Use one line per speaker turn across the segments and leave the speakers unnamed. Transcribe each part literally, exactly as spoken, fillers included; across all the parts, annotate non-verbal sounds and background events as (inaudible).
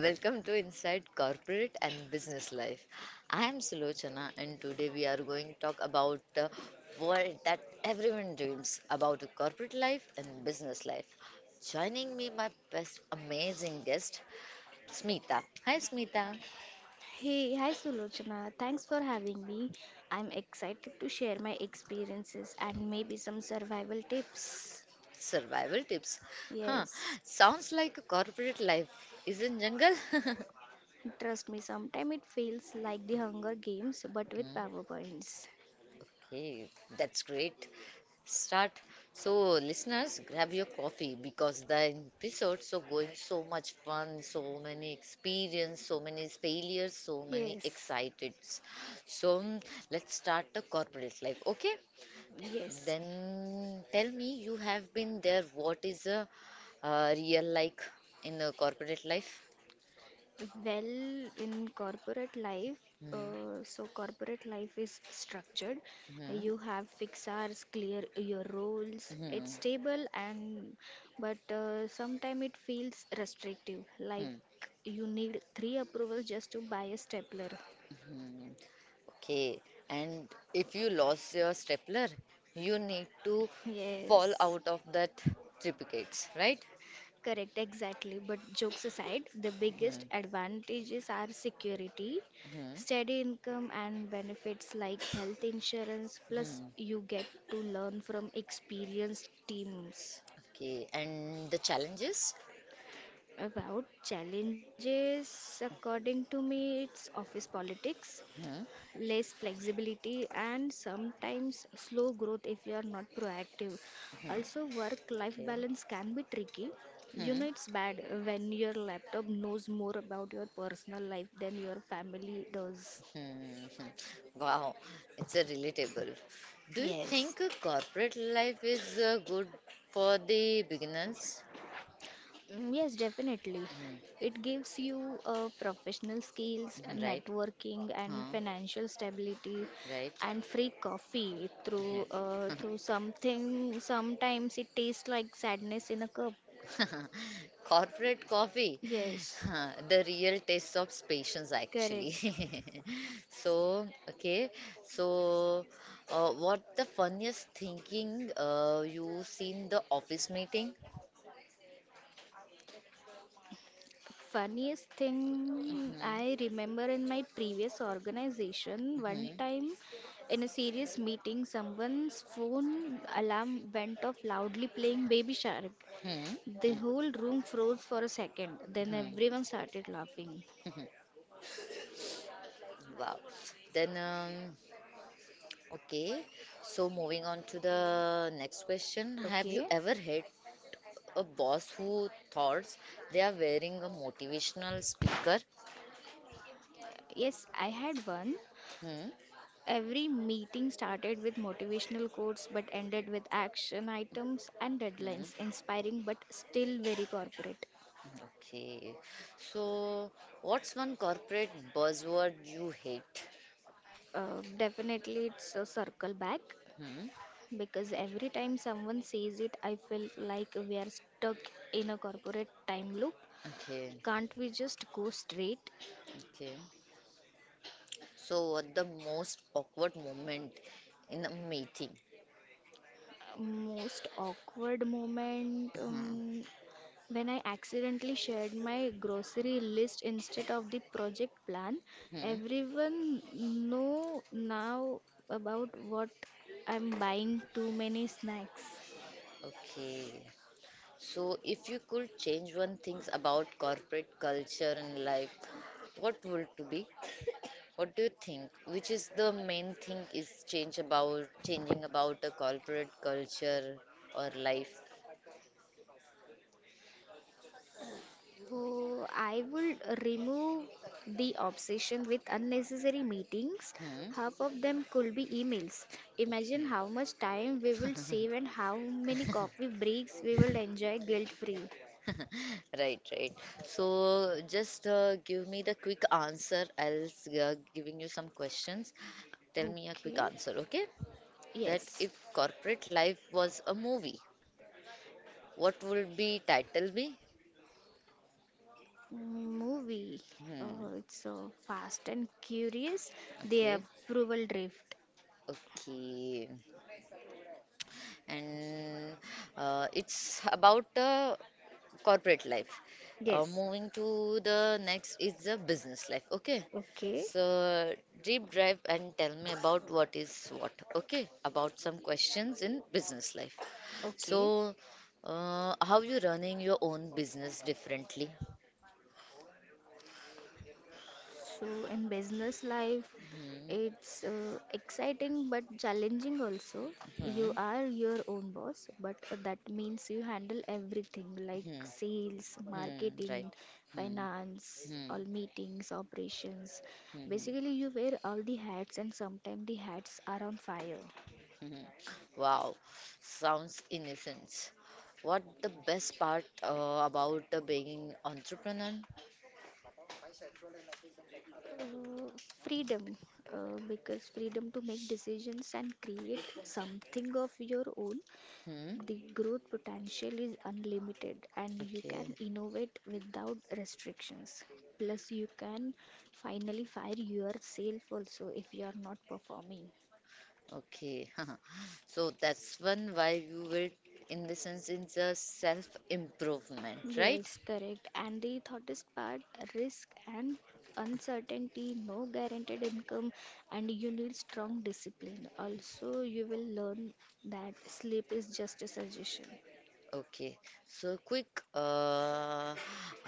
Welcome to Inside Corporate and Business Life. I am Sulochana and today we are going to talk about uh, what that everyone dreams about a corporate life and business life. Joining me my best amazing guest Smita. Hi Smita.
Hey, hi Sulochana. Thanks for having me. I'm excited to share my experiences and maybe some survival tips.
Survival tips. Huh.
Yes,
Sounds like a corporate life is in jungle? (laughs)
trust me, sometimes it feels like the Hunger Games but with
Hmm.
PowerPoints.
Okay, that's great. Start. So, listeners, grab your coffee because the episodes so going so much fun, so many experience, so many failures, so many
Yes,
excited. So, mm, let's start the corporate life. Okay?
yes.
Then tell me, you have been there. What is a uh, real like in a corporate life?
Well, in corporate life,
Hmm.
uh, so corporate life is structured.
Hmm.
You have fixed hours, clear your roles. It's
Hmm.
stable and but uh, sometimes it feels restrictive. Like
Hmm.
you need three approvals just to buy a stapler.
Hmm. Okay, and if you lost your stapler, you need to
(laughs)
fall
Yes.
out of that triplicates, right?
Correct, exactly. But jokes aside, the biggest
Hmm,
advantages are security,
hmm,
steady income, and benefits like health insurance. Plus,
hmm.
you get to learn from experienced teams.
Okay, and the challenges?
About challenges, according to me, it's office politics,
Hmm,
less flexibility, and sometimes slow growth if you are not proactive.
hmm,
Also, work life
okay.
balance can be tricky you
Hmm,
know It's bad when your laptop knows more about your personal life than your family does.
hmm, hmm. Wow, it's a relatable. Do you
Yes.
think a corporate life is uh, good for the beginners?
Mm, Yes, definitely.
Hmm,
It gives you uh, professional skills, uh,
hmm, right?
networking, and
Huh?
financial stability,
Right?
and free coffee through uh,
Yes.
through
(laughs)
something. Sometimes it tastes like sadness in a cup.
(laughs) Corporate coffee,
Yes,
huh, the real test of patience,
correct.
actually. (laughs) So, okay, so uh, what the funniest thinking uh, you seen the office meeting?
Funniest thing
Mhm,
I remember in my previous organization, one
mhm,
time in a serious meeting, someone's phone alarm went off loudly playing Baby Shark.
mhm,
The whole room froze for a second, then
mhm, mhm,
everyone started laughing.
mhm. Wow. Then, um, okay, so moving on to the next question. Have you
Okay.
ever had a boss who thought they are wearing a motivational speaker.
Yes, I had one.
Hmm,
Every meeting started with motivational quotes but ended with action items and deadlines,
hmm,
inspiring but still very corporate.
okay. So, what's one corporate buzzword you hate?
Uh, definitely, it's a circle back,
Hmm,
because every time someone says it, I feel like we are stuck in a corporate time loop.
okay,
Can't we just go straight?
okay. So, what the most awkward moment in a meeting?
Most awkward moment,
Hmm,
um, when I accidentally shared my grocery list instead of the project plan.
hmm,
Everyone know now about what I'm buying too many snacks.
okay. So, if you could change one things about corporate culture and life, what would it be? What do you think? Which is the main thing is change about changing about a corporate culture or life?
Oh, I would remove the obsession with unnecessary meetings.
Hmm.
Half of them could be emails. Imagine how much time we will save and how many coffee breaks we will enjoy guilt free.
Right, right. So just uh, give me the quick answer. I'll s- uh, giving you some questions. Tell me a quick
Okay,
answer, okay? That
yes.
if corporate life was a movie, what would be title be?
Movie.
Hmm.
Uh, it's so fast and curious. The
Okay.
approval drift.
Okay. And uh, it's about uh, corporate life. Uh,
Yes.
moving to the next is the business life. Okay,
Okay.
so deep dive and tell me about what is what. Okay, about some questions in business life. So,
Okay.
uh, how you running your own business differently?
So, in business life,
Hmm.
it's uh, exciting but challenging also. You
Hmm.
are your own boss, but that means you handle everything like
Hmm.
sales,
Hmm. Right.
marketing,
Hmm.
finance,
Hmm.
all meetings, operations.
Hmm. Hmm. Hmm.
Basically, you wear all the hats, and sometimes the hats are on fire.
Hmm. Wow, sounds innocent. What the best part uh, about the being entrepreneur?
Uh, Freedom, uh, because freedom to make decisions and create something of your own.
Hmm.
The growth potential is unlimited and you can
Okay.
innovate without restrictions. Plus, you can finally fire yourself also if you are not performing.
Okay. (laughs) So that's one why you will, in the sense, it's a self-improvement, right?
Yes, correct. And the thought part, risk and uncertainty, no guaranteed income, and you need strong discipline. Also, you will learn that sleep is just a suggestion.
Okay. So quick uh,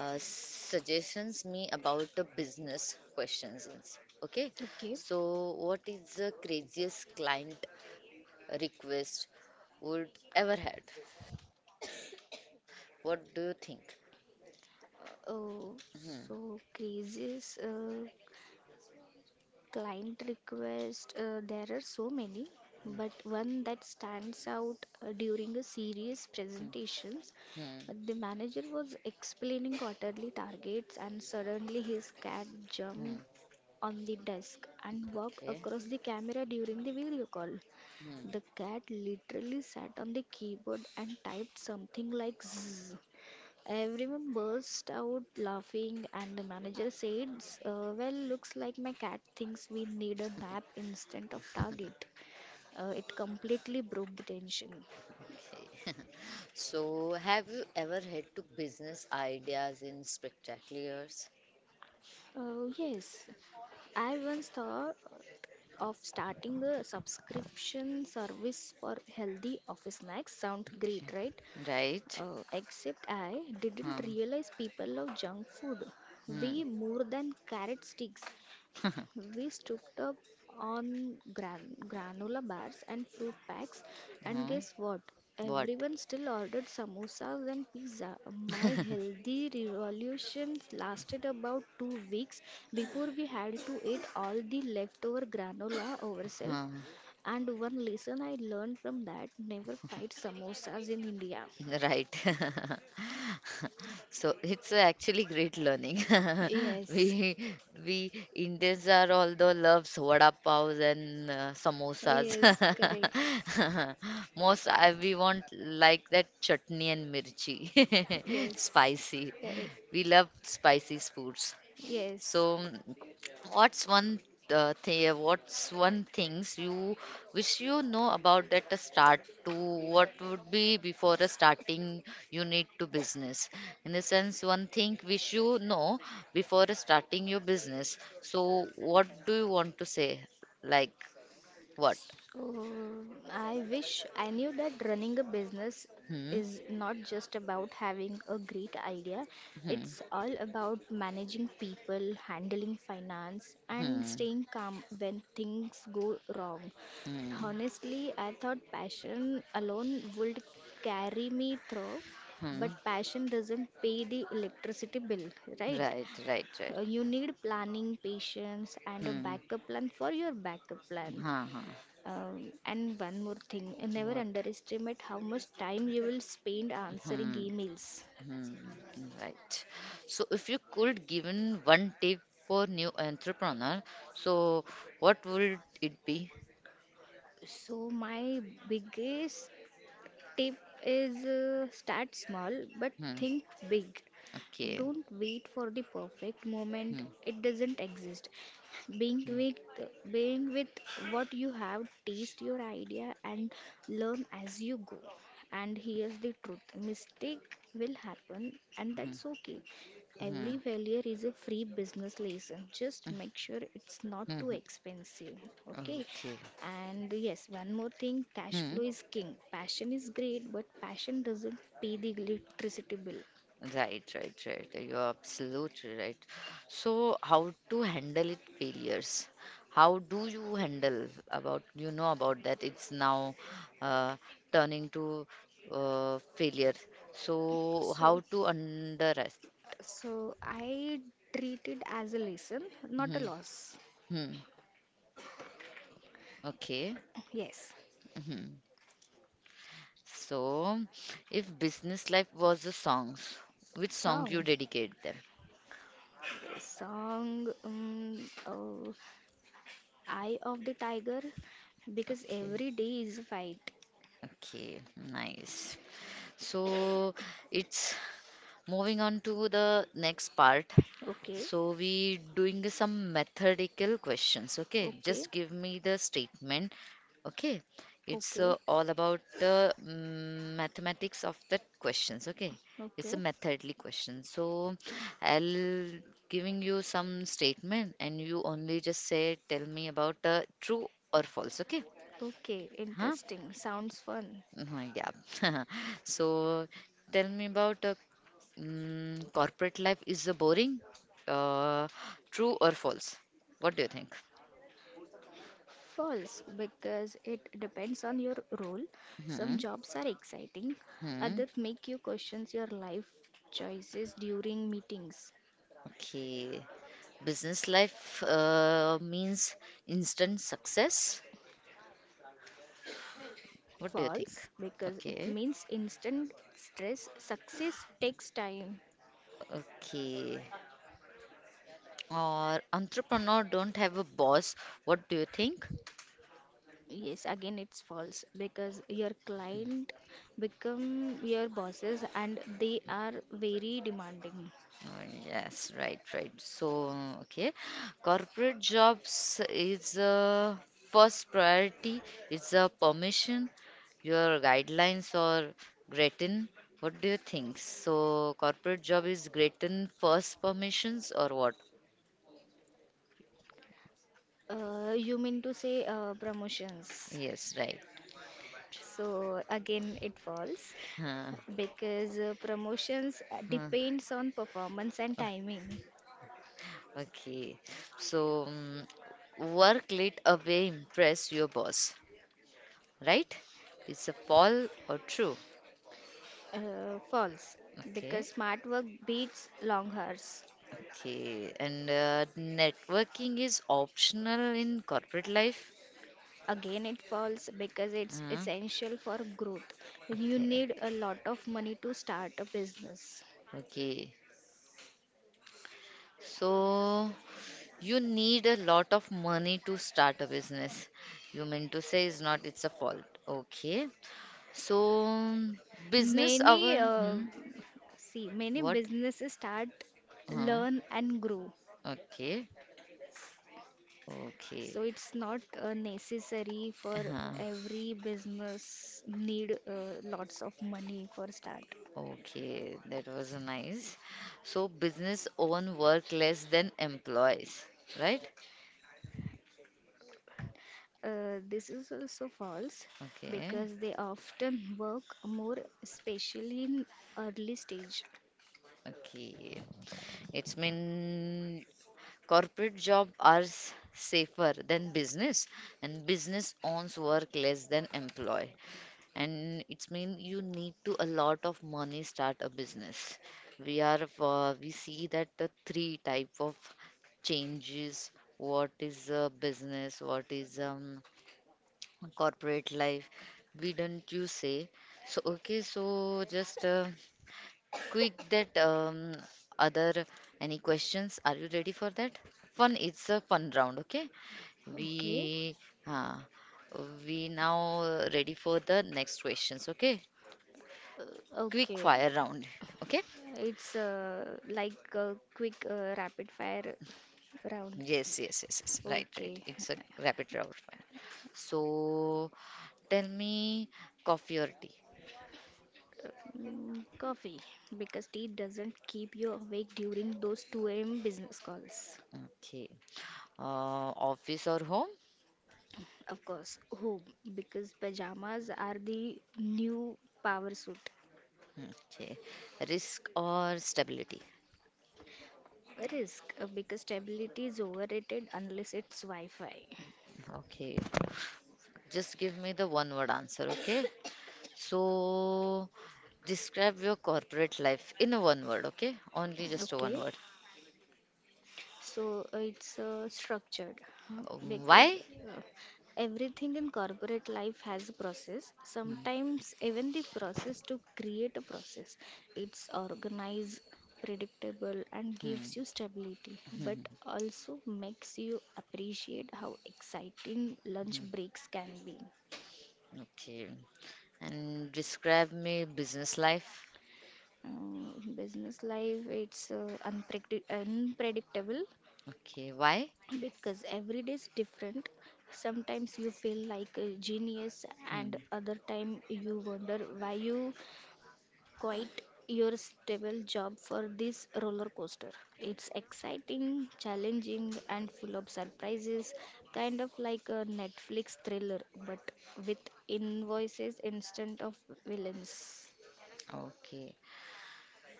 uh, suggestions me about the business questions. is- Okay.
Okay.
So what is the craziest client request would ever had? What do you think?
Uh, oh,
Hmm.
so, Crazes. Uh, Client request, uh, there are so many, but one that stands out uh, during a serious
Hmm.
presentations.
Hmm.
uh, The manager was explaining quarterly targets, and suddenly his cat jumped
Hmm.
on the desk and walked
Okay.
across the camera during the video call.
Hmm.
The cat literally sat on the keyboard and typed something like zzz. Everyone burst out laughing, and the manager said, uh, well, looks like my cat thinks we need a nap instead of target. Uh, it completely broke the tension.
Okay. (laughs) So, have you ever had to business ideas in spectaculars?
Uh, yes, I once thought of starting a subscription service for healthy office snacks. Sound great,
Okay.
right?
Right.
Uh, except I didn't
Hmm.
realize people love junk food.
Hmm.
We more than carrot sticks.
(laughs)
We stocked up on gran- granola bars and fruit packs, and
Hmm.
guess what?
What?
Everyone still ordered samosas and pizza. My
(laughs)
healthy revolutions lasted about two weeks before we had to eat all the leftover granola ourselves.
Hmm.
And one lesson I learned from that, never fight samosas in India.
Right. (laughs) So it's actually great learning. (laughs)
Yes,
We we Indians are all the loves vada pav and uh, samosas.
yes, correct.
(laughs) Most everyone like that chutney and mirchi.
Yes,
(laughs) Spicy.
correct.
We love spicy foods. So,
Yes.
mm, what's one uh, thing? What's one things you wish you know about that uh, start to what would be before a starting you need to business? In the sense, one thing wish you know before a starting your business. So, what do you want to say? Like what?
So, I wish I knew that running a business
Hmm.
is not just about having a great idea,
Hmm.
it's all about managing people, handling finance, and
Hmm.
staying calm when things go wrong.
Hmm.
Honestly, I thought passion alone would carry me through, but
Hmm.
passion doesn't pay the electricity bill, right?
Right. Right. Right.
Uh, You need planning, patience, and a
Hmm.
backup plan for your backup plan.
Huh. Huh.
Um, and one more thing, uh, never
What?
underestimate how much time you will spend answering
Hmm.
emails.
Hmm, right. So if you could given one tip for new entrepreneur, so what would it be?
So my biggest tip is uh, start small but
Hmm.
think big.
Okay.
Don't wait for the perfect moment.
Hmm.
It doesn't exist. Being with being with what you have, taste your idea and learn as you go. And here's the truth. Mistake will happen and
Hmm.
that's okay.
Hmm.
Every failure is a free business lesson. Just make sure it's not
Hmm.
too expensive.
Hmm.
Okay.
Okay.
And yes, one more thing, cash
Hmm.
flow is king. Passion is great, but passion doesn't pay the electricity bill.
Right. Right. Right. You're absolutely right. So how to handle it failures? How do you handle about you know about that? It's now uh, turning to uh, failure. So how
So,
to under.
so I treat it as a lesson, not a
Mhm,
loss.
mhm. Okay.
Yes,
Mhm. So, if business life was a song, which song you
song.
dedicate them?
Song, um, uh, Eye of the Tiger, because
Okay.
every day is a fight.
Okay. Nice. So it's moving on to the next part.
Okay,
So we doing some methodical questions. Okay,
okay,
just give me the statement. Okay, it's
okay,
uh, all about the mm, mathematics of the questions. Okay, it's a
okay.
methodly question. So I'll giving you some statement, and you only just say tell me about uh, true or false. Okay,
Okay,
huh?
interesting. Sounds fun.
Mhm, yeah. (laughs) So tell me about uh, Mm, corporate life is a boring? Uh, true or false? What do you think?
False, because it depends on your role.
Hmm.
Some jobs are exciting,
Hmm.
others make you question your life choices during meetings.
Okay. Business life uh, means instant success. What do you think?
False, because it
Okay.
means instant stress. Success takes time.
Okay. Or entrepreneur don't have a boss. What do you think?
Yes, again it's false because your client become your bosses and they are very demanding.
Uh, Yes, right, right. So, okay, corporate jobs is a first priority. It's a permission. Your guidelines or Gretchen, what do you think? So, corporate job is Gretchen first permissions or what?
Uh, you mean to say uh, promotions?
Yes, right.
So again, it falls
Huh,
because uh, promotions uh,
huh.
depends on performance and timing.
Okay. So, mm, work late away impress your boss, right? It's a fall or true?
Uh, false
Okay.
because smart work beats long hours.
Okay, and uh, networking is optional in corporate life?
Again, it falls because it's
Uh,
essential for growth. You
okay,
need a lot of money to start a business.
okay. So you need a lot of money to start a business. You mean to say is not it's a fault. Okay. So business
Many
hour,
uh,
hmm,
See many
what?
businesses start,
Uh,
learn and grow.
okay, okay.
So it's not uh, necessary for
Uh,
every business need uh, lots of money for start.
okay, that was nice. So business own work less than employees, right?
Uh, this is also false
Okay.
because they often work more, especially in early stage.
Okay. It's mean corporate job are s- safer than business and business owns work less than employee. And it's mean you need to a lot of money start a business. We are uh, we see that the three type of changes, what is a business, what is um corporate life. We don't you say. So okay, so just uh, quick that um, other any questions. Are you ready for that? Fun. It's a fun round. Okay.
Okay.
We uh, we now ready for the next questions. Okay.
Uh,
Quick
okay.
fire round. Okay.
It's uh, like a quick uh, rapid fire round.
Yes. Yes. Yes. Yes. Right. Right.
Okay.
It's a rapid round. Fine. So tell me, coffee or tea?
Mm, Coffee because tea doesn't keep you awake during those two a m business calls.
Okay. Uh, office or home?
Of course, home, because pajamas are the new power suit.
Okay. Risk or stability?
Risk, uh, because stability is overrated unless it's Wi Fi.
Okay. Just give me the one word answer, okay? So, describe your corporate life in a one word, okay? Only just a one
Okay.
word.
So uh, it's uh, structured, huh, because
Why?
uh, everything in corporate life has a process.
Hmm,
Sometimes even the process to create a process, it's organized, predictable, and
hmm,
gives you stability, but
hmm,
also makes you appreciate how exciting lunch
hmm.
breaks can be.
Okay. And describe me business life.
Um, business life, it's uh, unpredict- unpredictable
Okay, why?
because every day is different. Sometimes you feel like a genius and
Hmm.
other time you wonder why you quit your stable job for this roller coaster. It's exciting, challenging, and full of surprises, kind of like a Netflix thriller, but with invoices instead of villains.
Okay.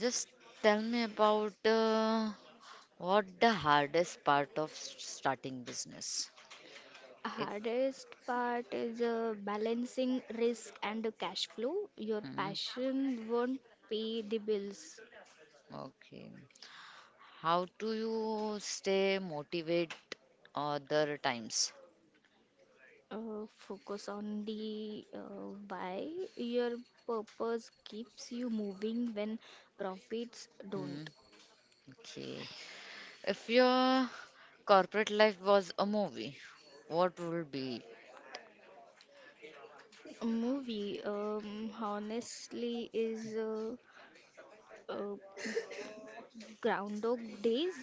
Just tell me about uh, what the hardest part of s- starting business. It.
Hardest part is uh, balancing risk and cash flow. Your
Hmm.
passion won't pay the bills.
Okay. How do you stay motivated other times?
Uh, focus on the uh, why. Your purpose keeps you moving when profits
Hmm.
don't.
Okay. If your corporate life was a movie, what would be?
Movie, um, honestly, is uh, uh, groundhog days,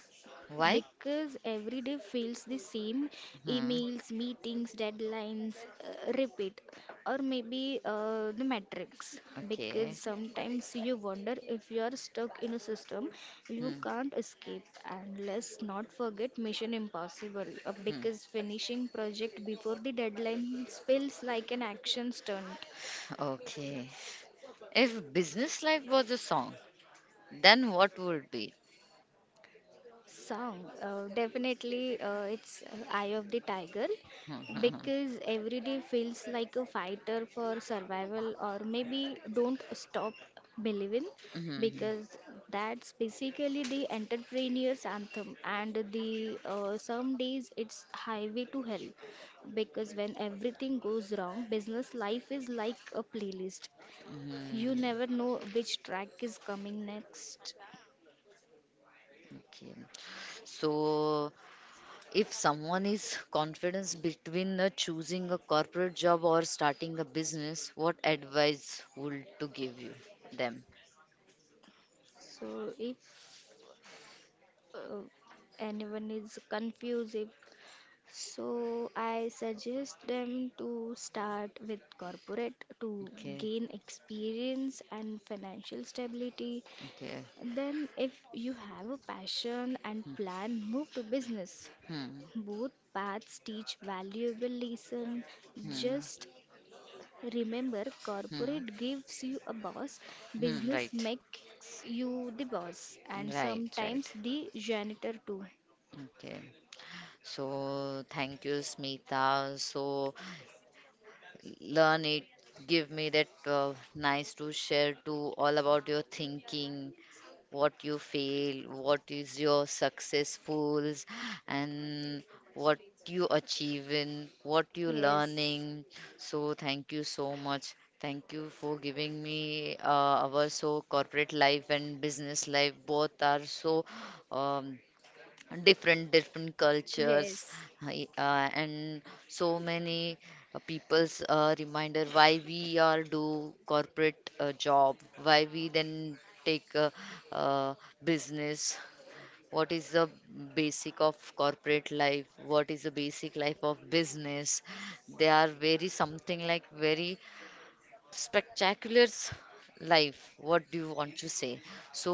Why?
because every day feels the same.
Hmm.
Emails, meetings, deadlines uh, repeat. Or maybe uh, the matrix, because
Okay.
sometimes you wonder if you are stuck in a system you
Hmm.
can't escape. And let's not forget mission impossible, uh,
Hmm.
because finishing project before the deadline feels like an action stunt.
Okay. If business life was a song, then what would be?
Song, uh, definitely, uh, it's uh, Eye of the Tiger,
Hmm, hmm, hmm.
because every day feels like a fighter for survival. Or maybe don't stop believing,
Mhm,
because that's basically the entrepreneur's anthem. And the uh, some days it's highway to hell, because when everything goes wrong, business life is like a playlist,
mhm.
you never know which track is coming next.
Okay. So, if someone is confidence between uh, choosing a corporate job or starting a business, what advice would to give you them?
So if uh, anyone is confused. So I suggest them to start with corporate to
Okay.
gain experience and financial stability.
Okay.
Then, if you have a passion and plan, move to business.
Hmm.
Both paths teach valuable lesson.
Hmm.
Just remember,
Hmm.
corporate gives you a boss,
Hmm.
business
Right.
makes you the boss, and
Right.
sometimes
Right.
the janitor too.
Okay. So thank you, Smita. So learn it. Give me that uh, nice to share to all about your thinking what you fail, what is your successfuls, and what you achieve in, what you
Yes,
learning. So thank you so much. Thank you for giving me uh, our so corporate life and business life both are so um, different different cultures
yes,
I- uh, and so many uh, people's uh, reminder why we are do corporate uh, job why we then take uh, uh, business what is the basic of corporate life what is the basic life of business they are very something like very spectacular life what do you want to say so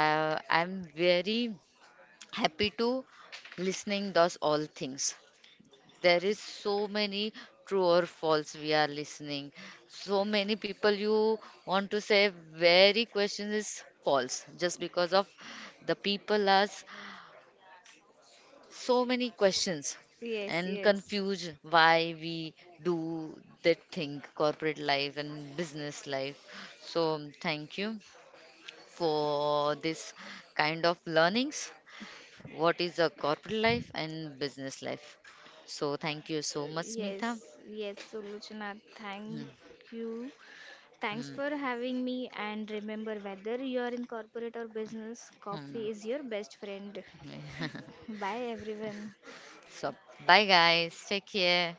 uh, I'm very happy to listening those all things there is so many true or false we are listening so many people you want to say very question is false just because of the people ask so many questions
yes,
and
yes,
confused why we do that thing corporate life and business life so thank you for this kind of learnings what is the corporate life and business life. So thank you so much,
uh, yes,
Smita.
yes, Suluchana, thank you. Thanks
Hmm,
for having me. And remember, whether you are in corporate or business,
hmm.
coffee is your best friend. Bye, everyone.
So bye guys, take care.